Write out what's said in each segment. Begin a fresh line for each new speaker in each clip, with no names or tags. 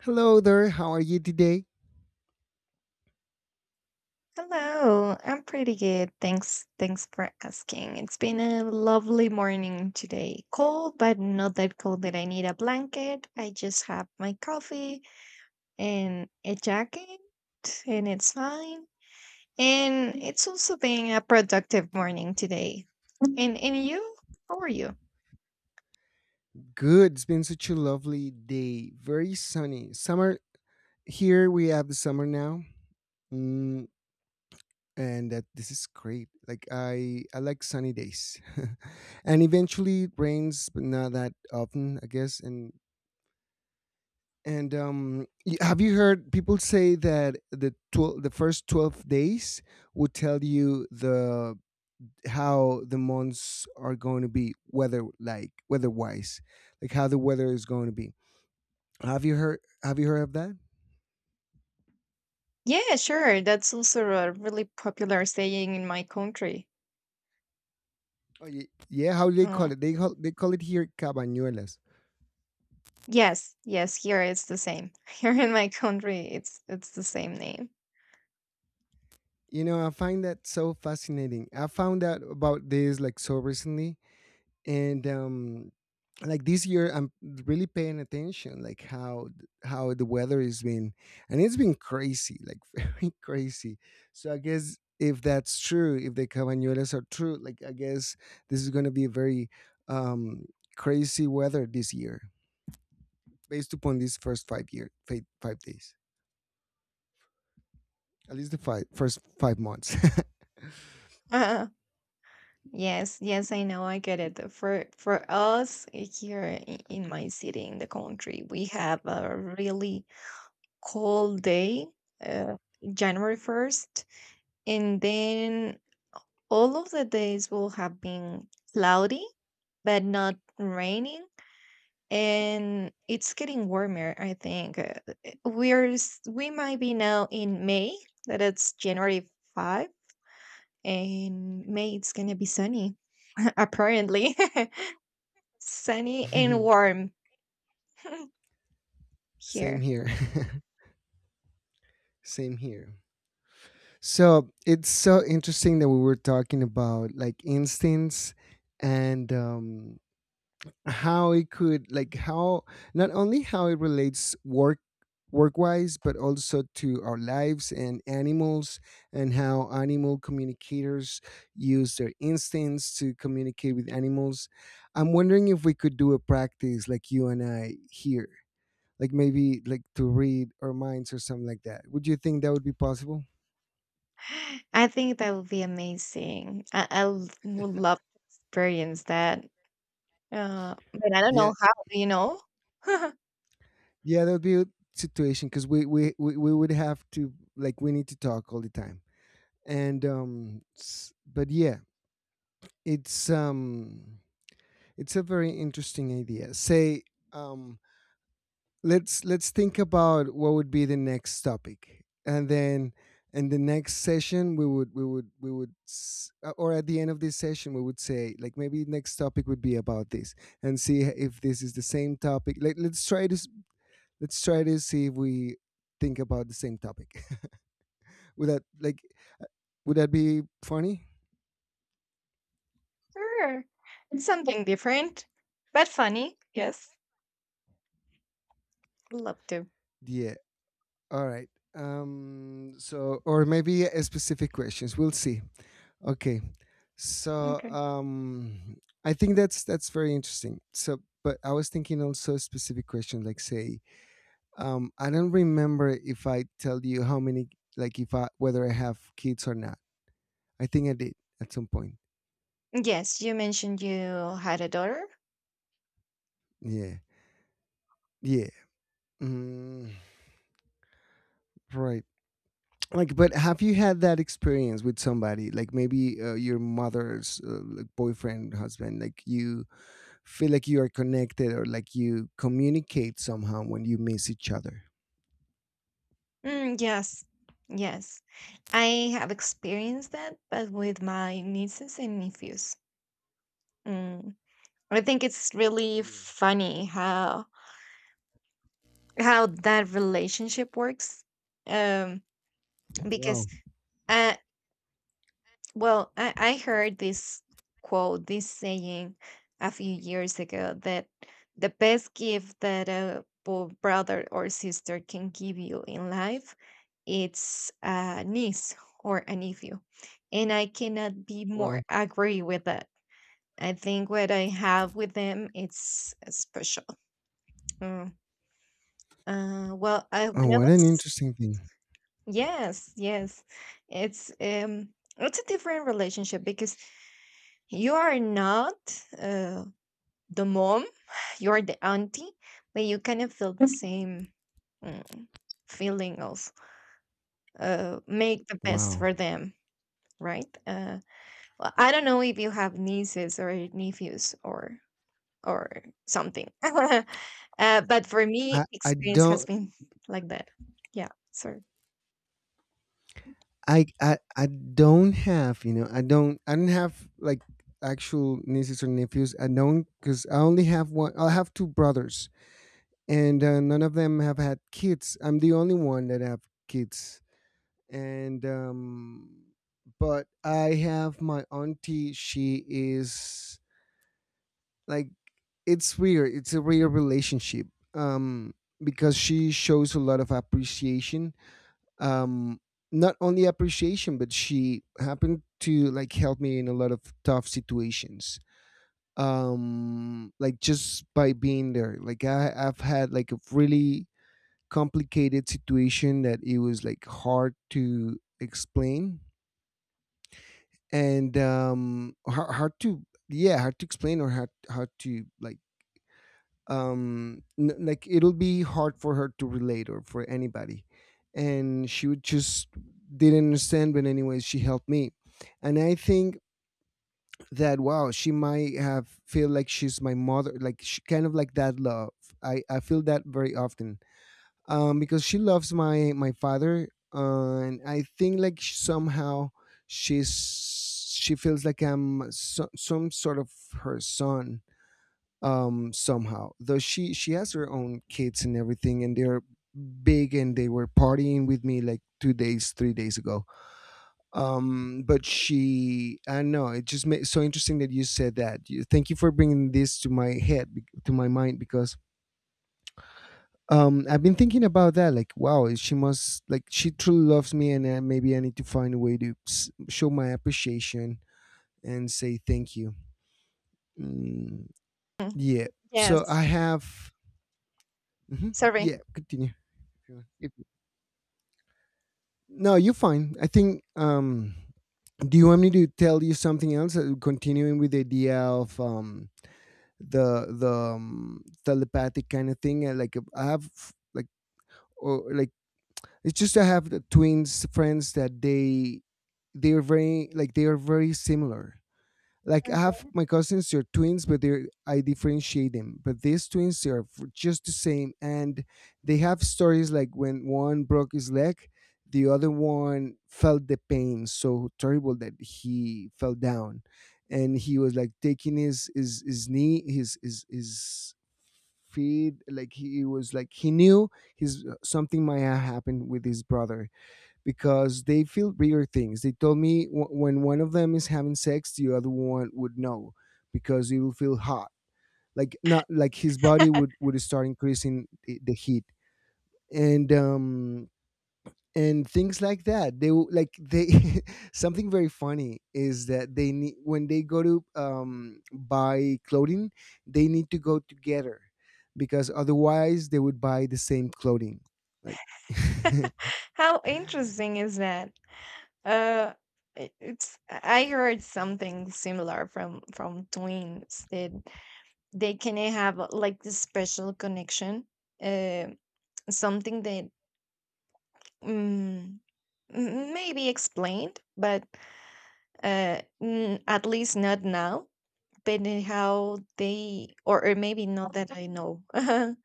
Hello there, how are you today?
Hello, I'm pretty good. Thanks. Thanks for asking. It's been a lovely morning today. Cold, but not that cold that I need a blanket. I just have my coffee and a jacket, and it's fine. And it's also been a productive morning today. And you? How are you?
Good, it's been such a lovely day, very sunny. Summer, here we have the summer now. Mm, and that this is great, like I like sunny days. And eventually it rains, but not that often, I guess. And have you heard people say that the first 12 days would tell you the how the months are going to be, weather, like weather wise like how the weather is going to be? Have you heard of that?
Yeah, sure. That's also a really popular saying in my country.
Oh, yeah how do they call
Um,
it? They call it here cabañuelas.
yes, yes, here it's the same. Here in my country, it's the same name.
I find that so fascinating. I found out about this like so recently, and like this year, I'm really paying attention, like how the weather has been, and it's been crazy, like very crazy. So I guess if that's true, if the cabañuelas are true, like I guess this is going to be very um crazy weather this year, based upon these first 5 days, at least the five first 5 months.
uh Yes, yes, I know, I get it. For us here in my city, in the country, we have a really cold day, uh, January 1st, and then all of the days will have been cloudy, but not raining, and it's getting warmer, I think. We might be now in May, that it's January 5, and May it's gonna be sunny, apparently. Sunny and warm
Same
here.
here. Same here. So it's so interesting that we were talking about like instincts, and how it could, like how not only how it relates work wise but also to our lives and animals, and how animal communicators use their instincts to communicate with animals. I'm wondering if we could do a practice like you and I here, like maybe like to read our minds or something like that. Would you think that would be possible?
I think that would be amazing. I would love to experience that. But I don't
Yeah.
know how, you know?
Yeah, that would be a situation, because we would have to, like, we need to talk all the time. And but yeah, it's um, it's a very interesting idea. Say, um, let's think about what would be the next topic, and then in the next session or at the end of this session we would say like maybe next topic would be about this, and see if this is the same topic, like let's try to see if we think about the same topic. would that like would that be funny?
Sure. It's something different, but funny. Yes. Love to.
Yeah. All right. So or maybe a specific questions. We'll see. Okay. So
Okay.
I think that's very interesting. So but I was thinking also a specific question, like say, I don't remember if I tell you how many, like if I, whether I have kids or not. I think I did at some point.
Yes, you mentioned you had a daughter.
Yeah. Yeah. Mm, right. Like but have you had that experience with somebody, like maybe your mother's like boyfriend husband, like you feel like you are connected or like you communicate somehow when you miss each other?
Mm, yes. Yes. I have experienced that, but with my nieces and nephews. Mm. I think it's really
Yeah.
funny how that relationship works, um
Wow.
because uh well I heard this quote this saying a few years ago that the best gift that a brother or sister can give you in life, it's a niece or a nephew, and I cannot be
Wow.
more agree with that. I think what I have with them, it's special. Mm. Well, I,
Oh,
when I
what an
was.
interesting thing.
Yes, yes. It's a different relationship because you are not uh, the mom, you are the auntie, but you kind of feel the same mm, feeling of make the best
Wow.
for them, right? Well, I don't know if you have nieces or nephews or something. But for
i
me,
i
experience
don't
has been like that. Yeah. Sorry.
I, I i don't have like actual nieces or nephews. I don't, because I only have one. I have two brothers, and none of them have had kids. I'm the only one that have kids, and but I have my auntie. She is, like, it's weird. It's a weird relationship, um, because she shows a lot of appreciation. Um, not only appreciation, but she happened to like help me in a lot of tough situations, like just by being there, like I've had like a really complicated situation that it was like hard to explain. And hard, hard to, yeah, hard to explain, or hard to like. Like, it'll be hard for her to relate, or for anybody. And she would just didn't understand, but anyways she helped me. And I think that, wow, she might have feel like she's my mother, like she kind of, like, that love. I feel that very often, because she loves my father, and I think like somehow she's she feels like I'm so, some sort of her son, somehow. Though she has her own kids and everything, and they're big, and they were partying with me like 2 days 3 days ago. But she, I don't know, it just made so interesting that you said thank you for bringing this to my to my mind. Because I've been thinking about that, like, wow, she must like, she truly loves me, and maybe I need to find a way to show my appreciation and say thank you. Mm, yeah. So
Yes.
I have. Mhm.
Sorry.
Yeah, continue if you want. No, you're fine. I think, do you want me to tell you something else? Continuing with the idea of the telepathic kind of thing, like, I have, like, or it's just, I have the twins friends that they are very similar. Like I have my cousins, they're twins, but they're I differentiate them. But these twins they are, just the same, and they have stories like when one broke his leg, the other one felt the pain so terrible that he fell down, and he was like taking his, knee, his feet, like he was, like he knew his, something might have happened with his brother, because they feel bigger things. They told me, when one of them is having sex, the other one would know because he will feel hot. Like, not like his body would start increasing the heat, and um and things like that. They something very funny is that they need when they go to buy clothing, they need to go together, because otherwise they would buy the same clothing. Like,
How interesting is that? Uh, I- it's I heard something similar from twins that they can have like this special connection, uh, something that mm, maybe explained, but at least not now. But how they, or maybe not that I know,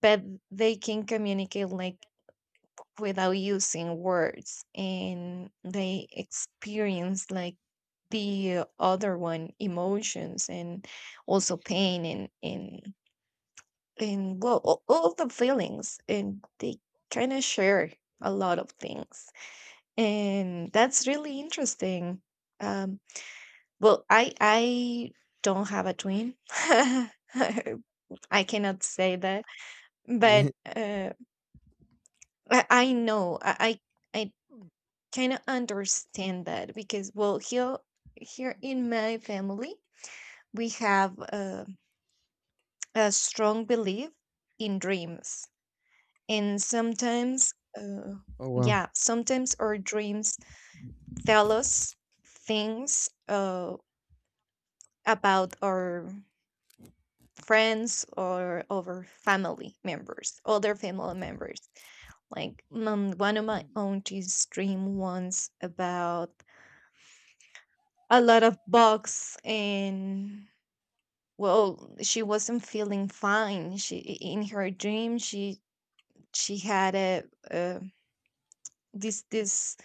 but they can communicate like without using words, and they experience like the other one emotions, and also pain, and well all the feelings, and they kind of share a lot of things, and that's really interesting. um well, I don't have a twin. I cannot say that,
yeah.
but uh I know, I kind of understand that because well here in my family we have a strong belief in dreams. And sometimes uh,
Oh wow.
yeah, sometimes our dreams tell us things, about our friends or our family members, other family members, like one of my aunties dream once about a lot of bugs. And well, she wasn't feeling fine. She in her dream she had a, uh this this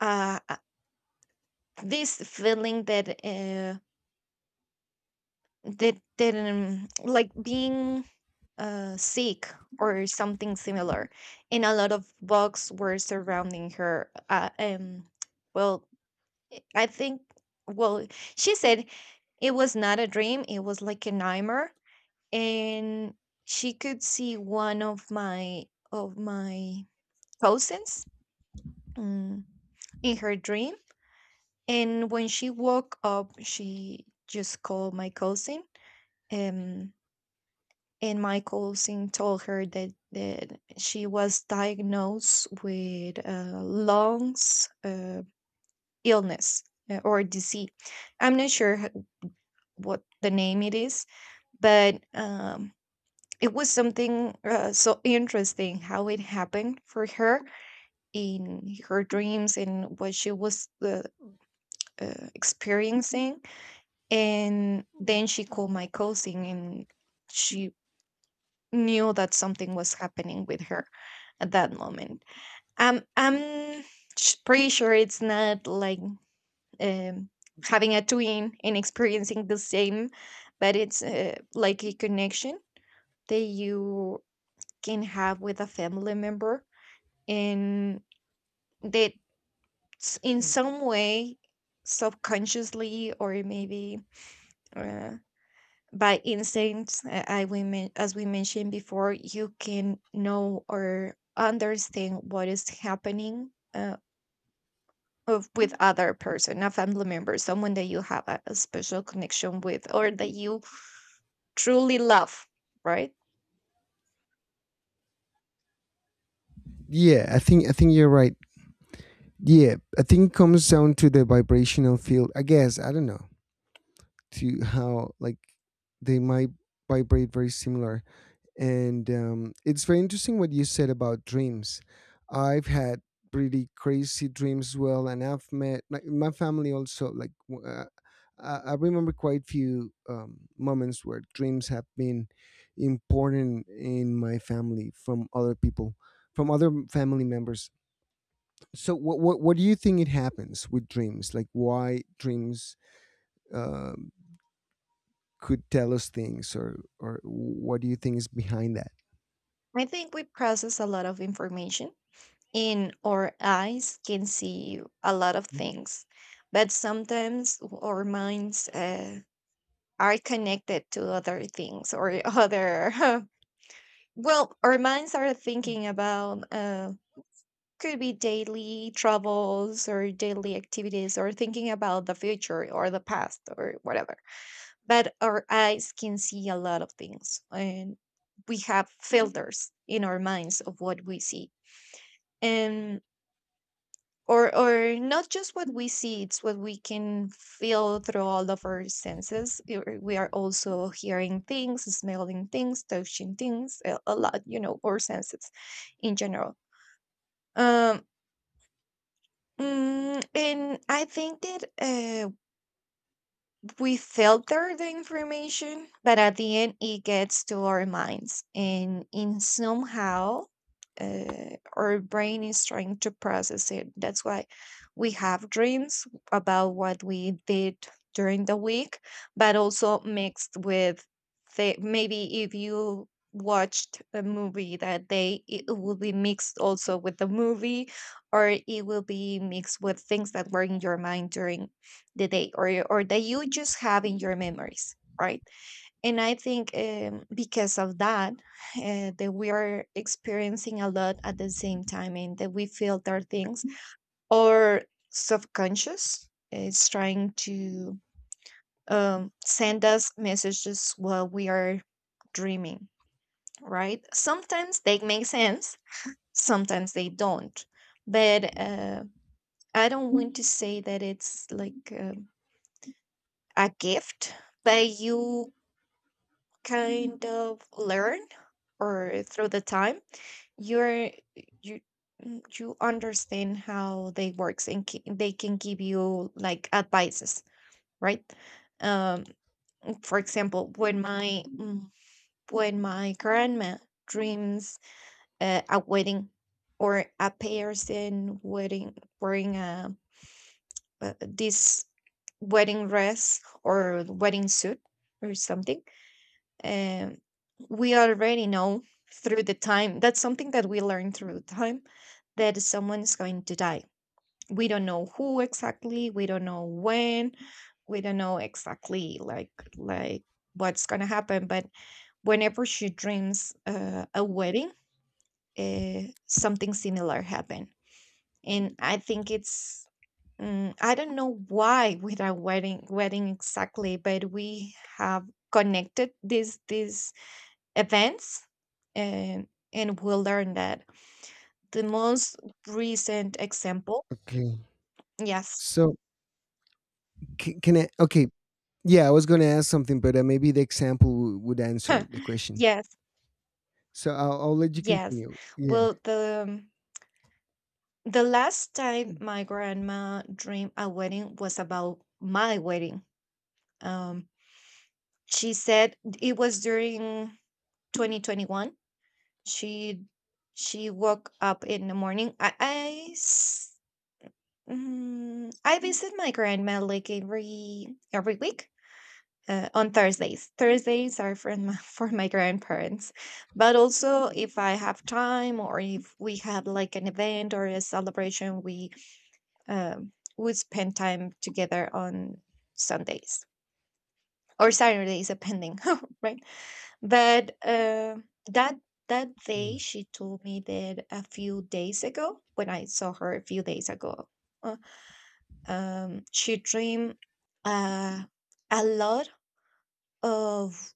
uh uh, this feeling that that like being sick or something similar, and a lot of bugs were surrounding her. Well, I think. Well, she said it was not a dream. It was like a nightmare, and she could see one of my cousins, mm, in her dream. And when she woke up, she just called my cousin. um, and my cousin told her that she was diagnosed with lungs, illness, or disease. I'm not sure what the name it is. But it was something, so interesting how it happened for her, in her dreams, and what she was experiencing. And then she called my cousin, and she knew that something was happening with her at that moment. I'm pretty sure it's not like um, having a twin and experiencing the same, but it's like a connection that you can have with a family member, and that's in some way, subconsciously, or maybe uh, by instinct. As we mentioned before, you can know or understand what is happening, with other person, a family member, someone that you have a special connection with, or that you truly love, right?
Yeah, I think you're right. Yeah, I think it comes down to the vibrational field, I guess, I don't know. To how like they might vibrate very similar. And it's very interesting what you said about dreams. I've had pretty crazy dreams as well, and I've met like my family also, like I remember quite few moments where dreams have been important in my family, from other people, from other family members. So what do you think it happens with dreams? Like why dreams um, could tell us things, or what do you think is behind that?
I think we process a lot of information. In our eyes can see a lot of things, but sometimes our minds are connected to other things, or other. Well, our minds are thinking about, could be daily troubles or daily activities, or thinking about the future or the past, or whatever. But our eyes can see a lot of things, and we have filters in our minds of what we see. And or not just what we see, it's what we can feel through all of our senses. We are also hearing things, smelling things, touching things a lot. Our senses in general. um and I think that we filter the information, but at the end, it gets to our minds, and in somehow, our brain is trying to process it. That's why we have dreams about what we did during the week, but also mixed with the, maybe if you watched a movie that day, it will be mixed also with the movie, or it will be mixed with things that were in your mind during the day, or that you just have in your memories, right? And I think because of that, that we are experiencing a lot at the same time, and that we filter things, our subconscious is trying to send us messages while we are dreaming, right? Sometimes they make sense, sometimes they don't. But I don't want to say that it's like a gift, but you kind of learn, or through the time, you're you you understand how they works, and they can give you like advices, right? um for example, when when my grandma dreams a wedding, or a person wedding wearing this wedding dress, or wedding suit, or something. um, we already know through the time, that's something that we learn through time, that someone is going to die. We don't know who exactly, we don't know when, we don't know exactly like what's going to happen. But whenever she dreams a wedding, something similar happened. And I think it's, I don't know why with our wedding wedding exactly, but we have connected this events. And and we'll learn that. The most recent example.
Okay.
Yes.
So, can I? Okay. Yeah, I was going to ask something, but maybe the example would answer the question.
Yes.
So I'll let you
Yes.
continue. Yeah.
Well, the last time my grandma dreamed a wedding was about my wedding. um she said it was during 2021. she she woke up in the morning. I visit my grandma like every week, on Thursdays. Thursdays are for my, for my grandparents, but also if I have time, or if we have like an event or a celebration, we we spend time together on Sundays or Saturdays, depending, right? But that that day,
Mm.
she told me that a few days ago, when I saw her a few days ago, uh, she dreamed uh, a lot of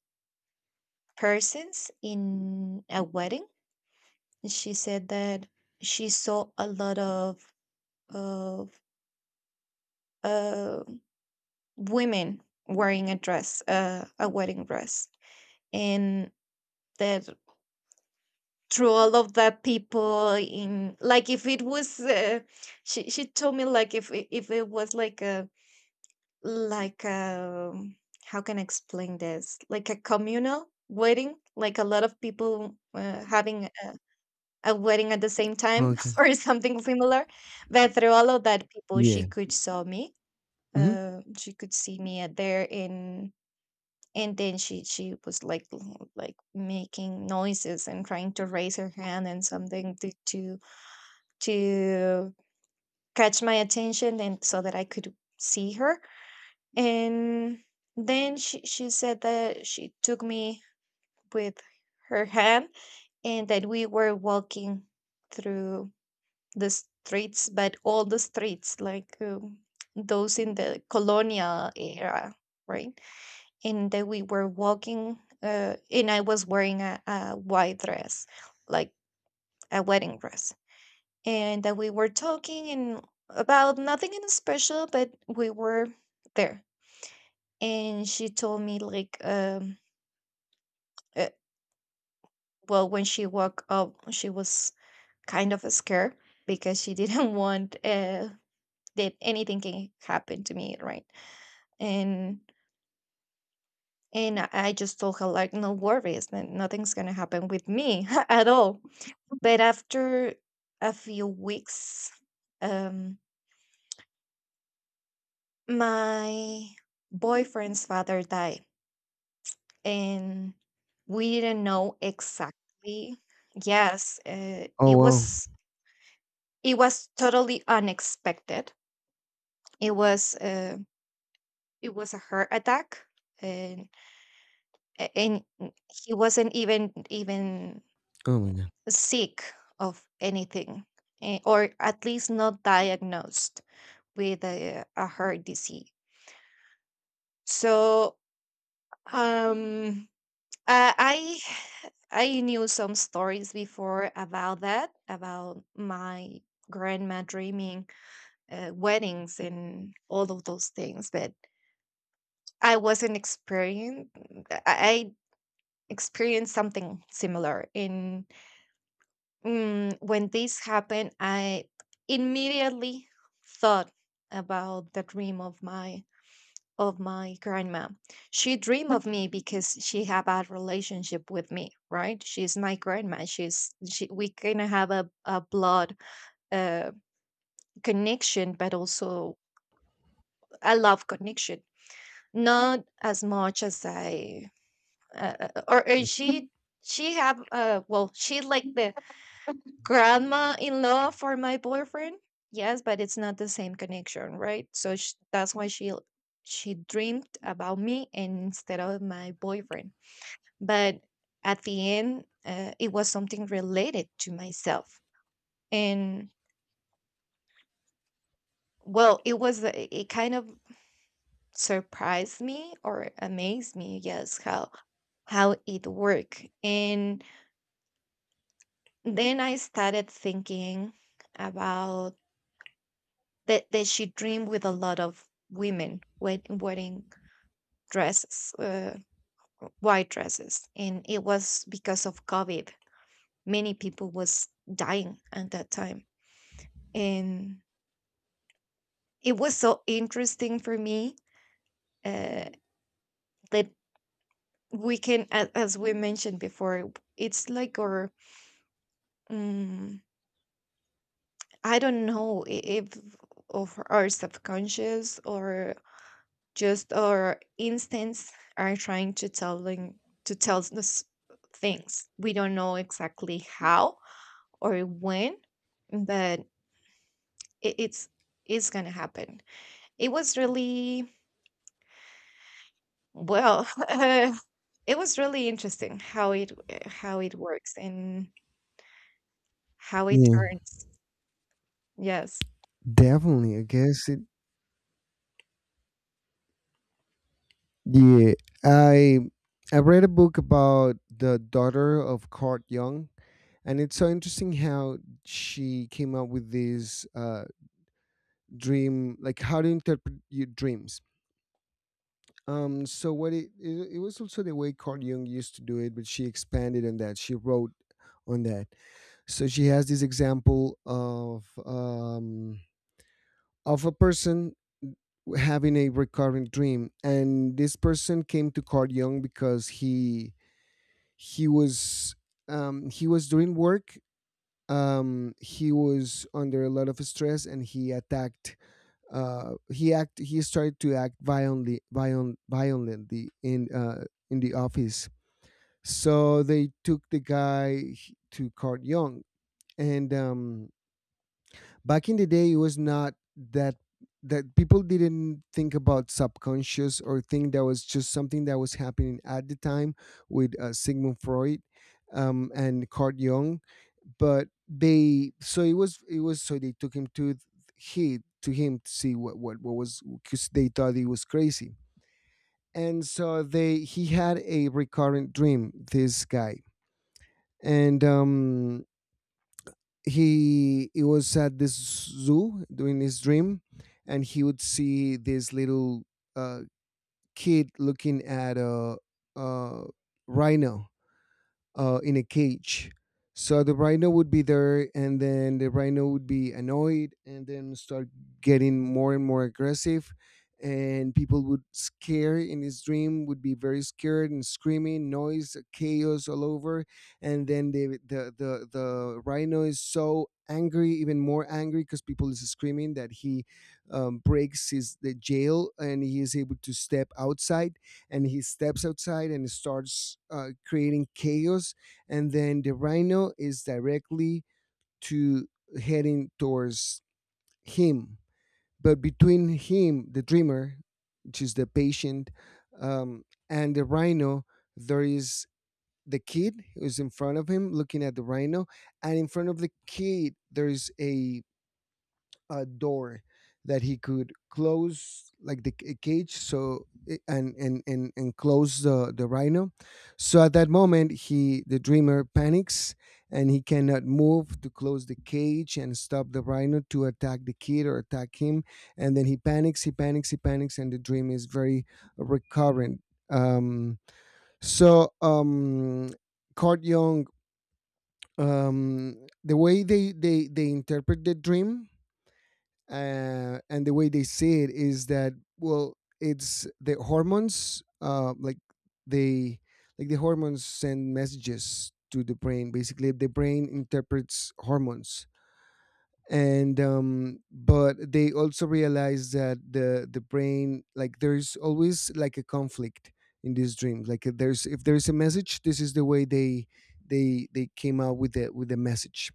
persons in a wedding. And she said that she saw a lot of uh, women wearing a dress, a wedding dress, and that through all of the people in, like if it was, she told me like, if it was like a like a, how can I explain this, like a communal wedding, like a lot of people having a wedding at the same time,
Okay.
or something similar. But through all of that people, she
Yeah.
could saw me.
Hmm.
She could see me at there, and then she was like, like making noises and trying to raise her hand and something to, to catch my attention, and so that I could see her. And then she said that she took me with her hand, and that we were walking through the streets, but all the streets, like, those in the colonial era, right? And that we were walking, and I was wearing a white dress, like a wedding dress, and that we were talking and about nothing in special, but we were there. And she told me like, uh, well, when she woke up, she was kind of scared because she didn't want, that anything can happen to me, right? and and I just told her like, no worries man, nothing's gonna happen with me at all. But after a few weeks, um my boyfriend's father died. And we didn't know exactly. Yes,
Oh wow.
it was totally unexpected. It was uh, it was a heart attack. And and he wasn't even
Oh my god.
sick of anything, eh, or at least not diagnosed with a heart disease. So, um, uh, I I knew some stories before about that, about my grandma dreaming weddings and all of those things, but I wasn't experienced. I experienced something similar in, when this happened, I immediately thought about the dream of my grandma. She dreamed of me because she had a relationship with me, right? She's my grandma. We kind of have a blood uh, connection, but also a love connection. Not as much as I or she have well she like the grandma-in-law for my boyfriend. Yes, but it's not the same connection, right? So sh that's why she dreamed about me and instead of my boyfriend. But at the end, it was something related to myself, and well, it was it kind of surprised me or amazed me. Yes, how it worked. And then I started thinking about that she dreamed with a lot of women wearing dresses, white dresses, and it was because of COVID. Many people was dying at that time, and it was so interesting for me, uh, that we can, as we mentioned before, it's like our, um, I don't know if of our subconscious, or just our instincts are trying to tell them, to tell us things. We don't know exactly how or when, but it, it's it's gonna happen. It was really, well, it was really interesting how it, works, and how it
Yeah,
turns. Yes,
definitely. I guess it. Yeah, I I read a book about the daughter of Carl Jung, and it's so interesting how she came up with this dream, like how to interpret your dreams. So what it, it was also the way Carl Jung used to do it, but she expanded on that. She wrote on that. So she has this example of a person having a recurrent dream, and this person came to Carl Jung because he was he was doing work. He was under a lot of stress, and he attacked. He started to act violently, violently in the office. So they took the guy to Court Young, and back in the day it was not that people didn't think about subconscious, or think that was just something that was happening at the time with Sigmund Freud, and Carl Jung, but they, so it was so they took him to th- he to him to see what was, because they thought he was crazy. And so they, he had a recurrent dream. This guy, and he was at this zoo doing his dream, and he would see this little, uh, kid looking at a rhino in a cage. So the rhino would be there, and then the rhino would be annoyed, and then start getting more and more aggressive, and people would scare, in his dream, would be very scared and screaming, noise, chaos all over. And then the rhino is so angry, even more angry, because people is screaming, that he, breaks his the jail, and he is able to step outside. And he steps outside and starts creating chaos. And then the rhino is directly to heading towards him. But between him, the dreamer, which is the patient, um, and the rhino, there is the kid who's in front of him looking at the rhino. And in front of the kid, there is a door that he could close like the cage, and close the rhino. So at that moment, he the dreamer panics and he cannot move to close the cage and stop the rhino to attack the kid or attack him. And then he panics and the dream is very recurrent. um so um Card Young, um the way they interpret the dream and the way they say it is that, well, it's the hormones, like they, like the hormones send messages to the brain. Basically, the brain interprets hormones. And but they also realize that the brain, like there's always like a conflict in these dreams. Like if there's a message, this is the way they came out with the message.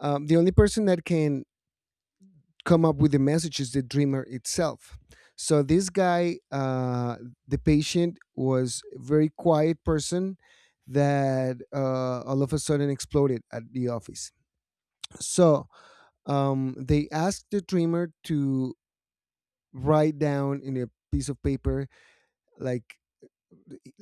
The only person that can come up with the message is the dreamer itself. So this guy, the patient, was a very quiet person that all of a sudden exploded at the office. So they asked the dreamer to write down in a piece of paper, like,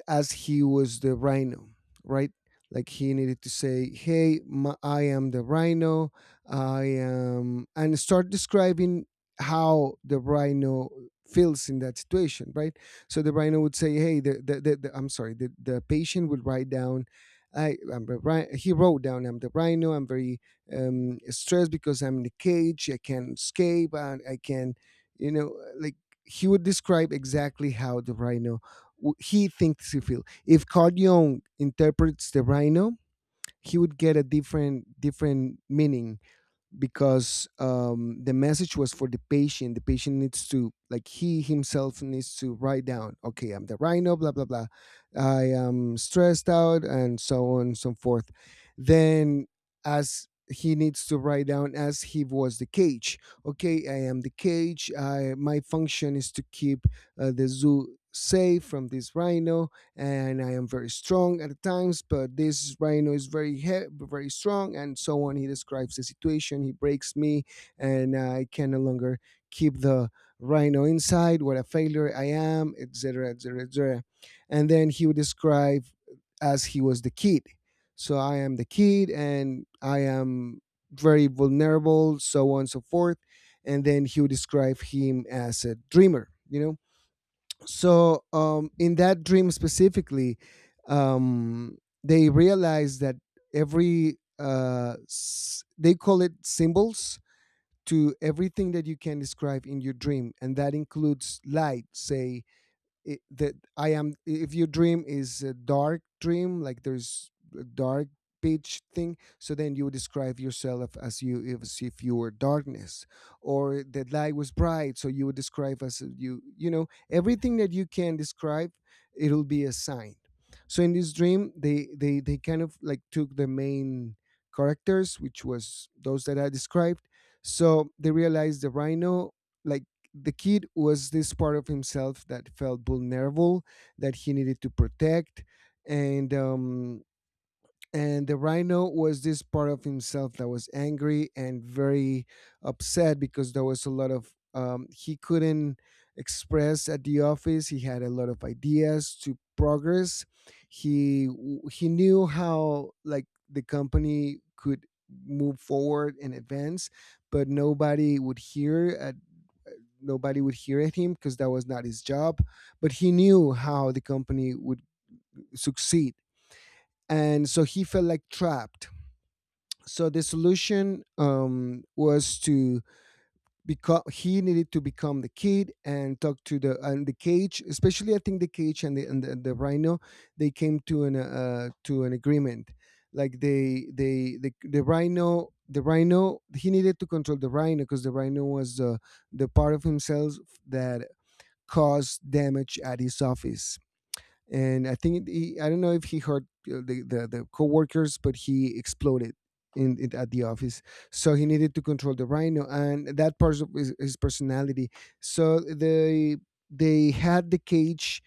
as he was the rhino, right? Like he needed to say, "Hey, my, I am the rhino. I am," and start describing how the rhino feels in that situation, right? So the rhino would say, "Hey, the I'm sorry, the patient would write down." I, I'm the rhi- He wrote down, "I'm the rhino. I'm very stressed because I'm in the cage. I can't escape. And I can," like, he would describe exactly how the rhino he thinks he feels. If Carl Jung interprets the rhino, he would get a different meaning because the message was for the patient. The patient needs to, like, he himself needs to write down, "Okay, I'm the rhino, blah, blah, blah. I am stressed out," and so on and so forth. Then, as he needs to write down as he was the cage, "Okay, I am the cage. I, my function is to keep the zoo safe from this rhino, and I am very strong at times, but this rhino is very very strong," and so on. He describes the situation. "He breaks me, and I can no longer keep the rhino inside. What a failure I am," etc., etc., etc. And then he would describe as he was the kid. "So I am the kid, and I am very vulnerable," so on and so forth. And then he would describe him as a dreamer, you know. So in that dream specifically, um, they realize that every they call it symbols to everything that you can describe in your dream, and that includes light, say it, that I am. If your dream is a dark dream, like there's a dark pitch thing, so then you describe yourself as you, as if you were darkness, or the light was bright, so you would describe as you. You know, everything that you can describe, it'll be a sign. So in this dream, they kind of like took the main characters, which was those that I described. So they realized the rhino, like, the kid was this part of himself that felt vulnerable, that he needed to protect. And and the rhino was this part of himself that was angry and very upset because there was a lot of he couldn't express at the office. He had a lot of ideas to progress. He He knew how, like, the company could move forward and advance, but nobody would hear. Nobody would hear at him because that was not his job, but he knew how the company would succeed. And so he felt like trapped. So the solution, was to become, he needed to become the kid and talk to the, and the cage, especially, I think, the cage and the and the rhino. They came to an agreement. Like the rhino, he needed to control the rhino because the rhino was the part of himself that cause damage at his office. And I think he, I don't know if he hurt the coworkers, but he exploded in at the office. So he needed to control the rhino, and that part of his personality. So they had the cage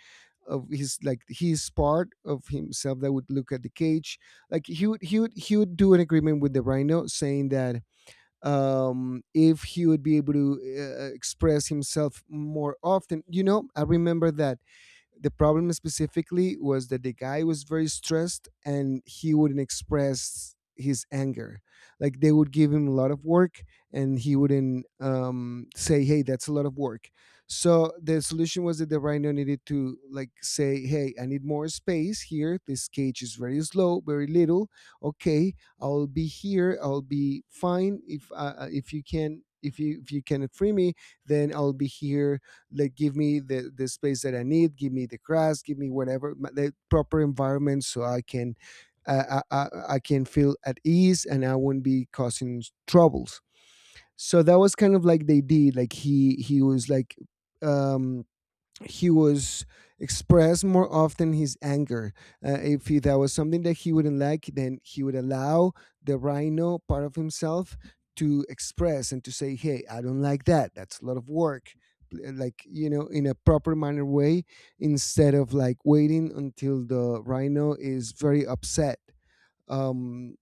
of his, like, his part of himself that would look at the cage. Like he would do an agreement with the rhino, saying that if he would be able to express himself more often. You know, I remember that the problem specifically was that the guy was very stressed and he wouldn't express his anger. Like they would give him a lot of work and he wouldn't, say, "Hey, that's a lot of work." So the solution was that the rhino needed to, like, say, "Hey, I need more space here. This cage is very slow, very little. Okay, I'll be here, I'll be fine. If if you can, if you cannot free me, then I'll be here. Like, give me the space that I need, give me the grass, give me whatever the proper environment so I can uh, I, I, I can feel at ease and I won't be causing troubles." So that was kind of like they did. Like he was like um he was express more often his anger. If he, that was something that he wouldn't like, then he would allow the rhino part of himself to express and to say, "Hey, I don't like that. That's a lot of work." Like, you know, in a proper manner way, instead of like waiting until the rhino is very upset. Um,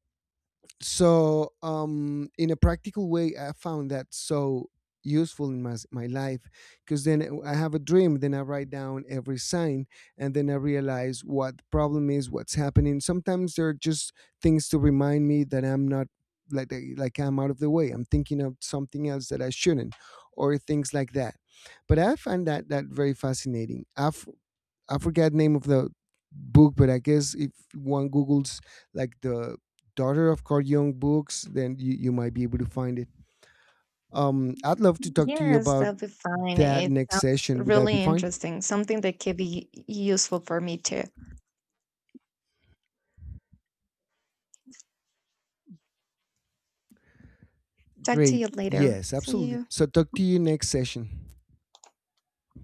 so in a practical way, I found that so useful in my my life, because then I have a dream, then I write down every sign, and then I realize what the problem is, what's happening. Sometimes there are just things to remind me that I'm not, like, like I'm out of the way, I'm thinking of something else that I shouldn't, or things like that. But I find that very fascinating. I forget name of the book, but I guess if one Googles, like, the daughter of Carl Jung books, then you might be able to find it. I'd love to talk to you
yes,
about
that'd be fine.
that
It
next
sounds
session. Would that be
really
fine?
interesting, something that could be useful for me too. Talk to
Great.
you later.
Yes,
See
absolutely.
you.
So talk to you next session.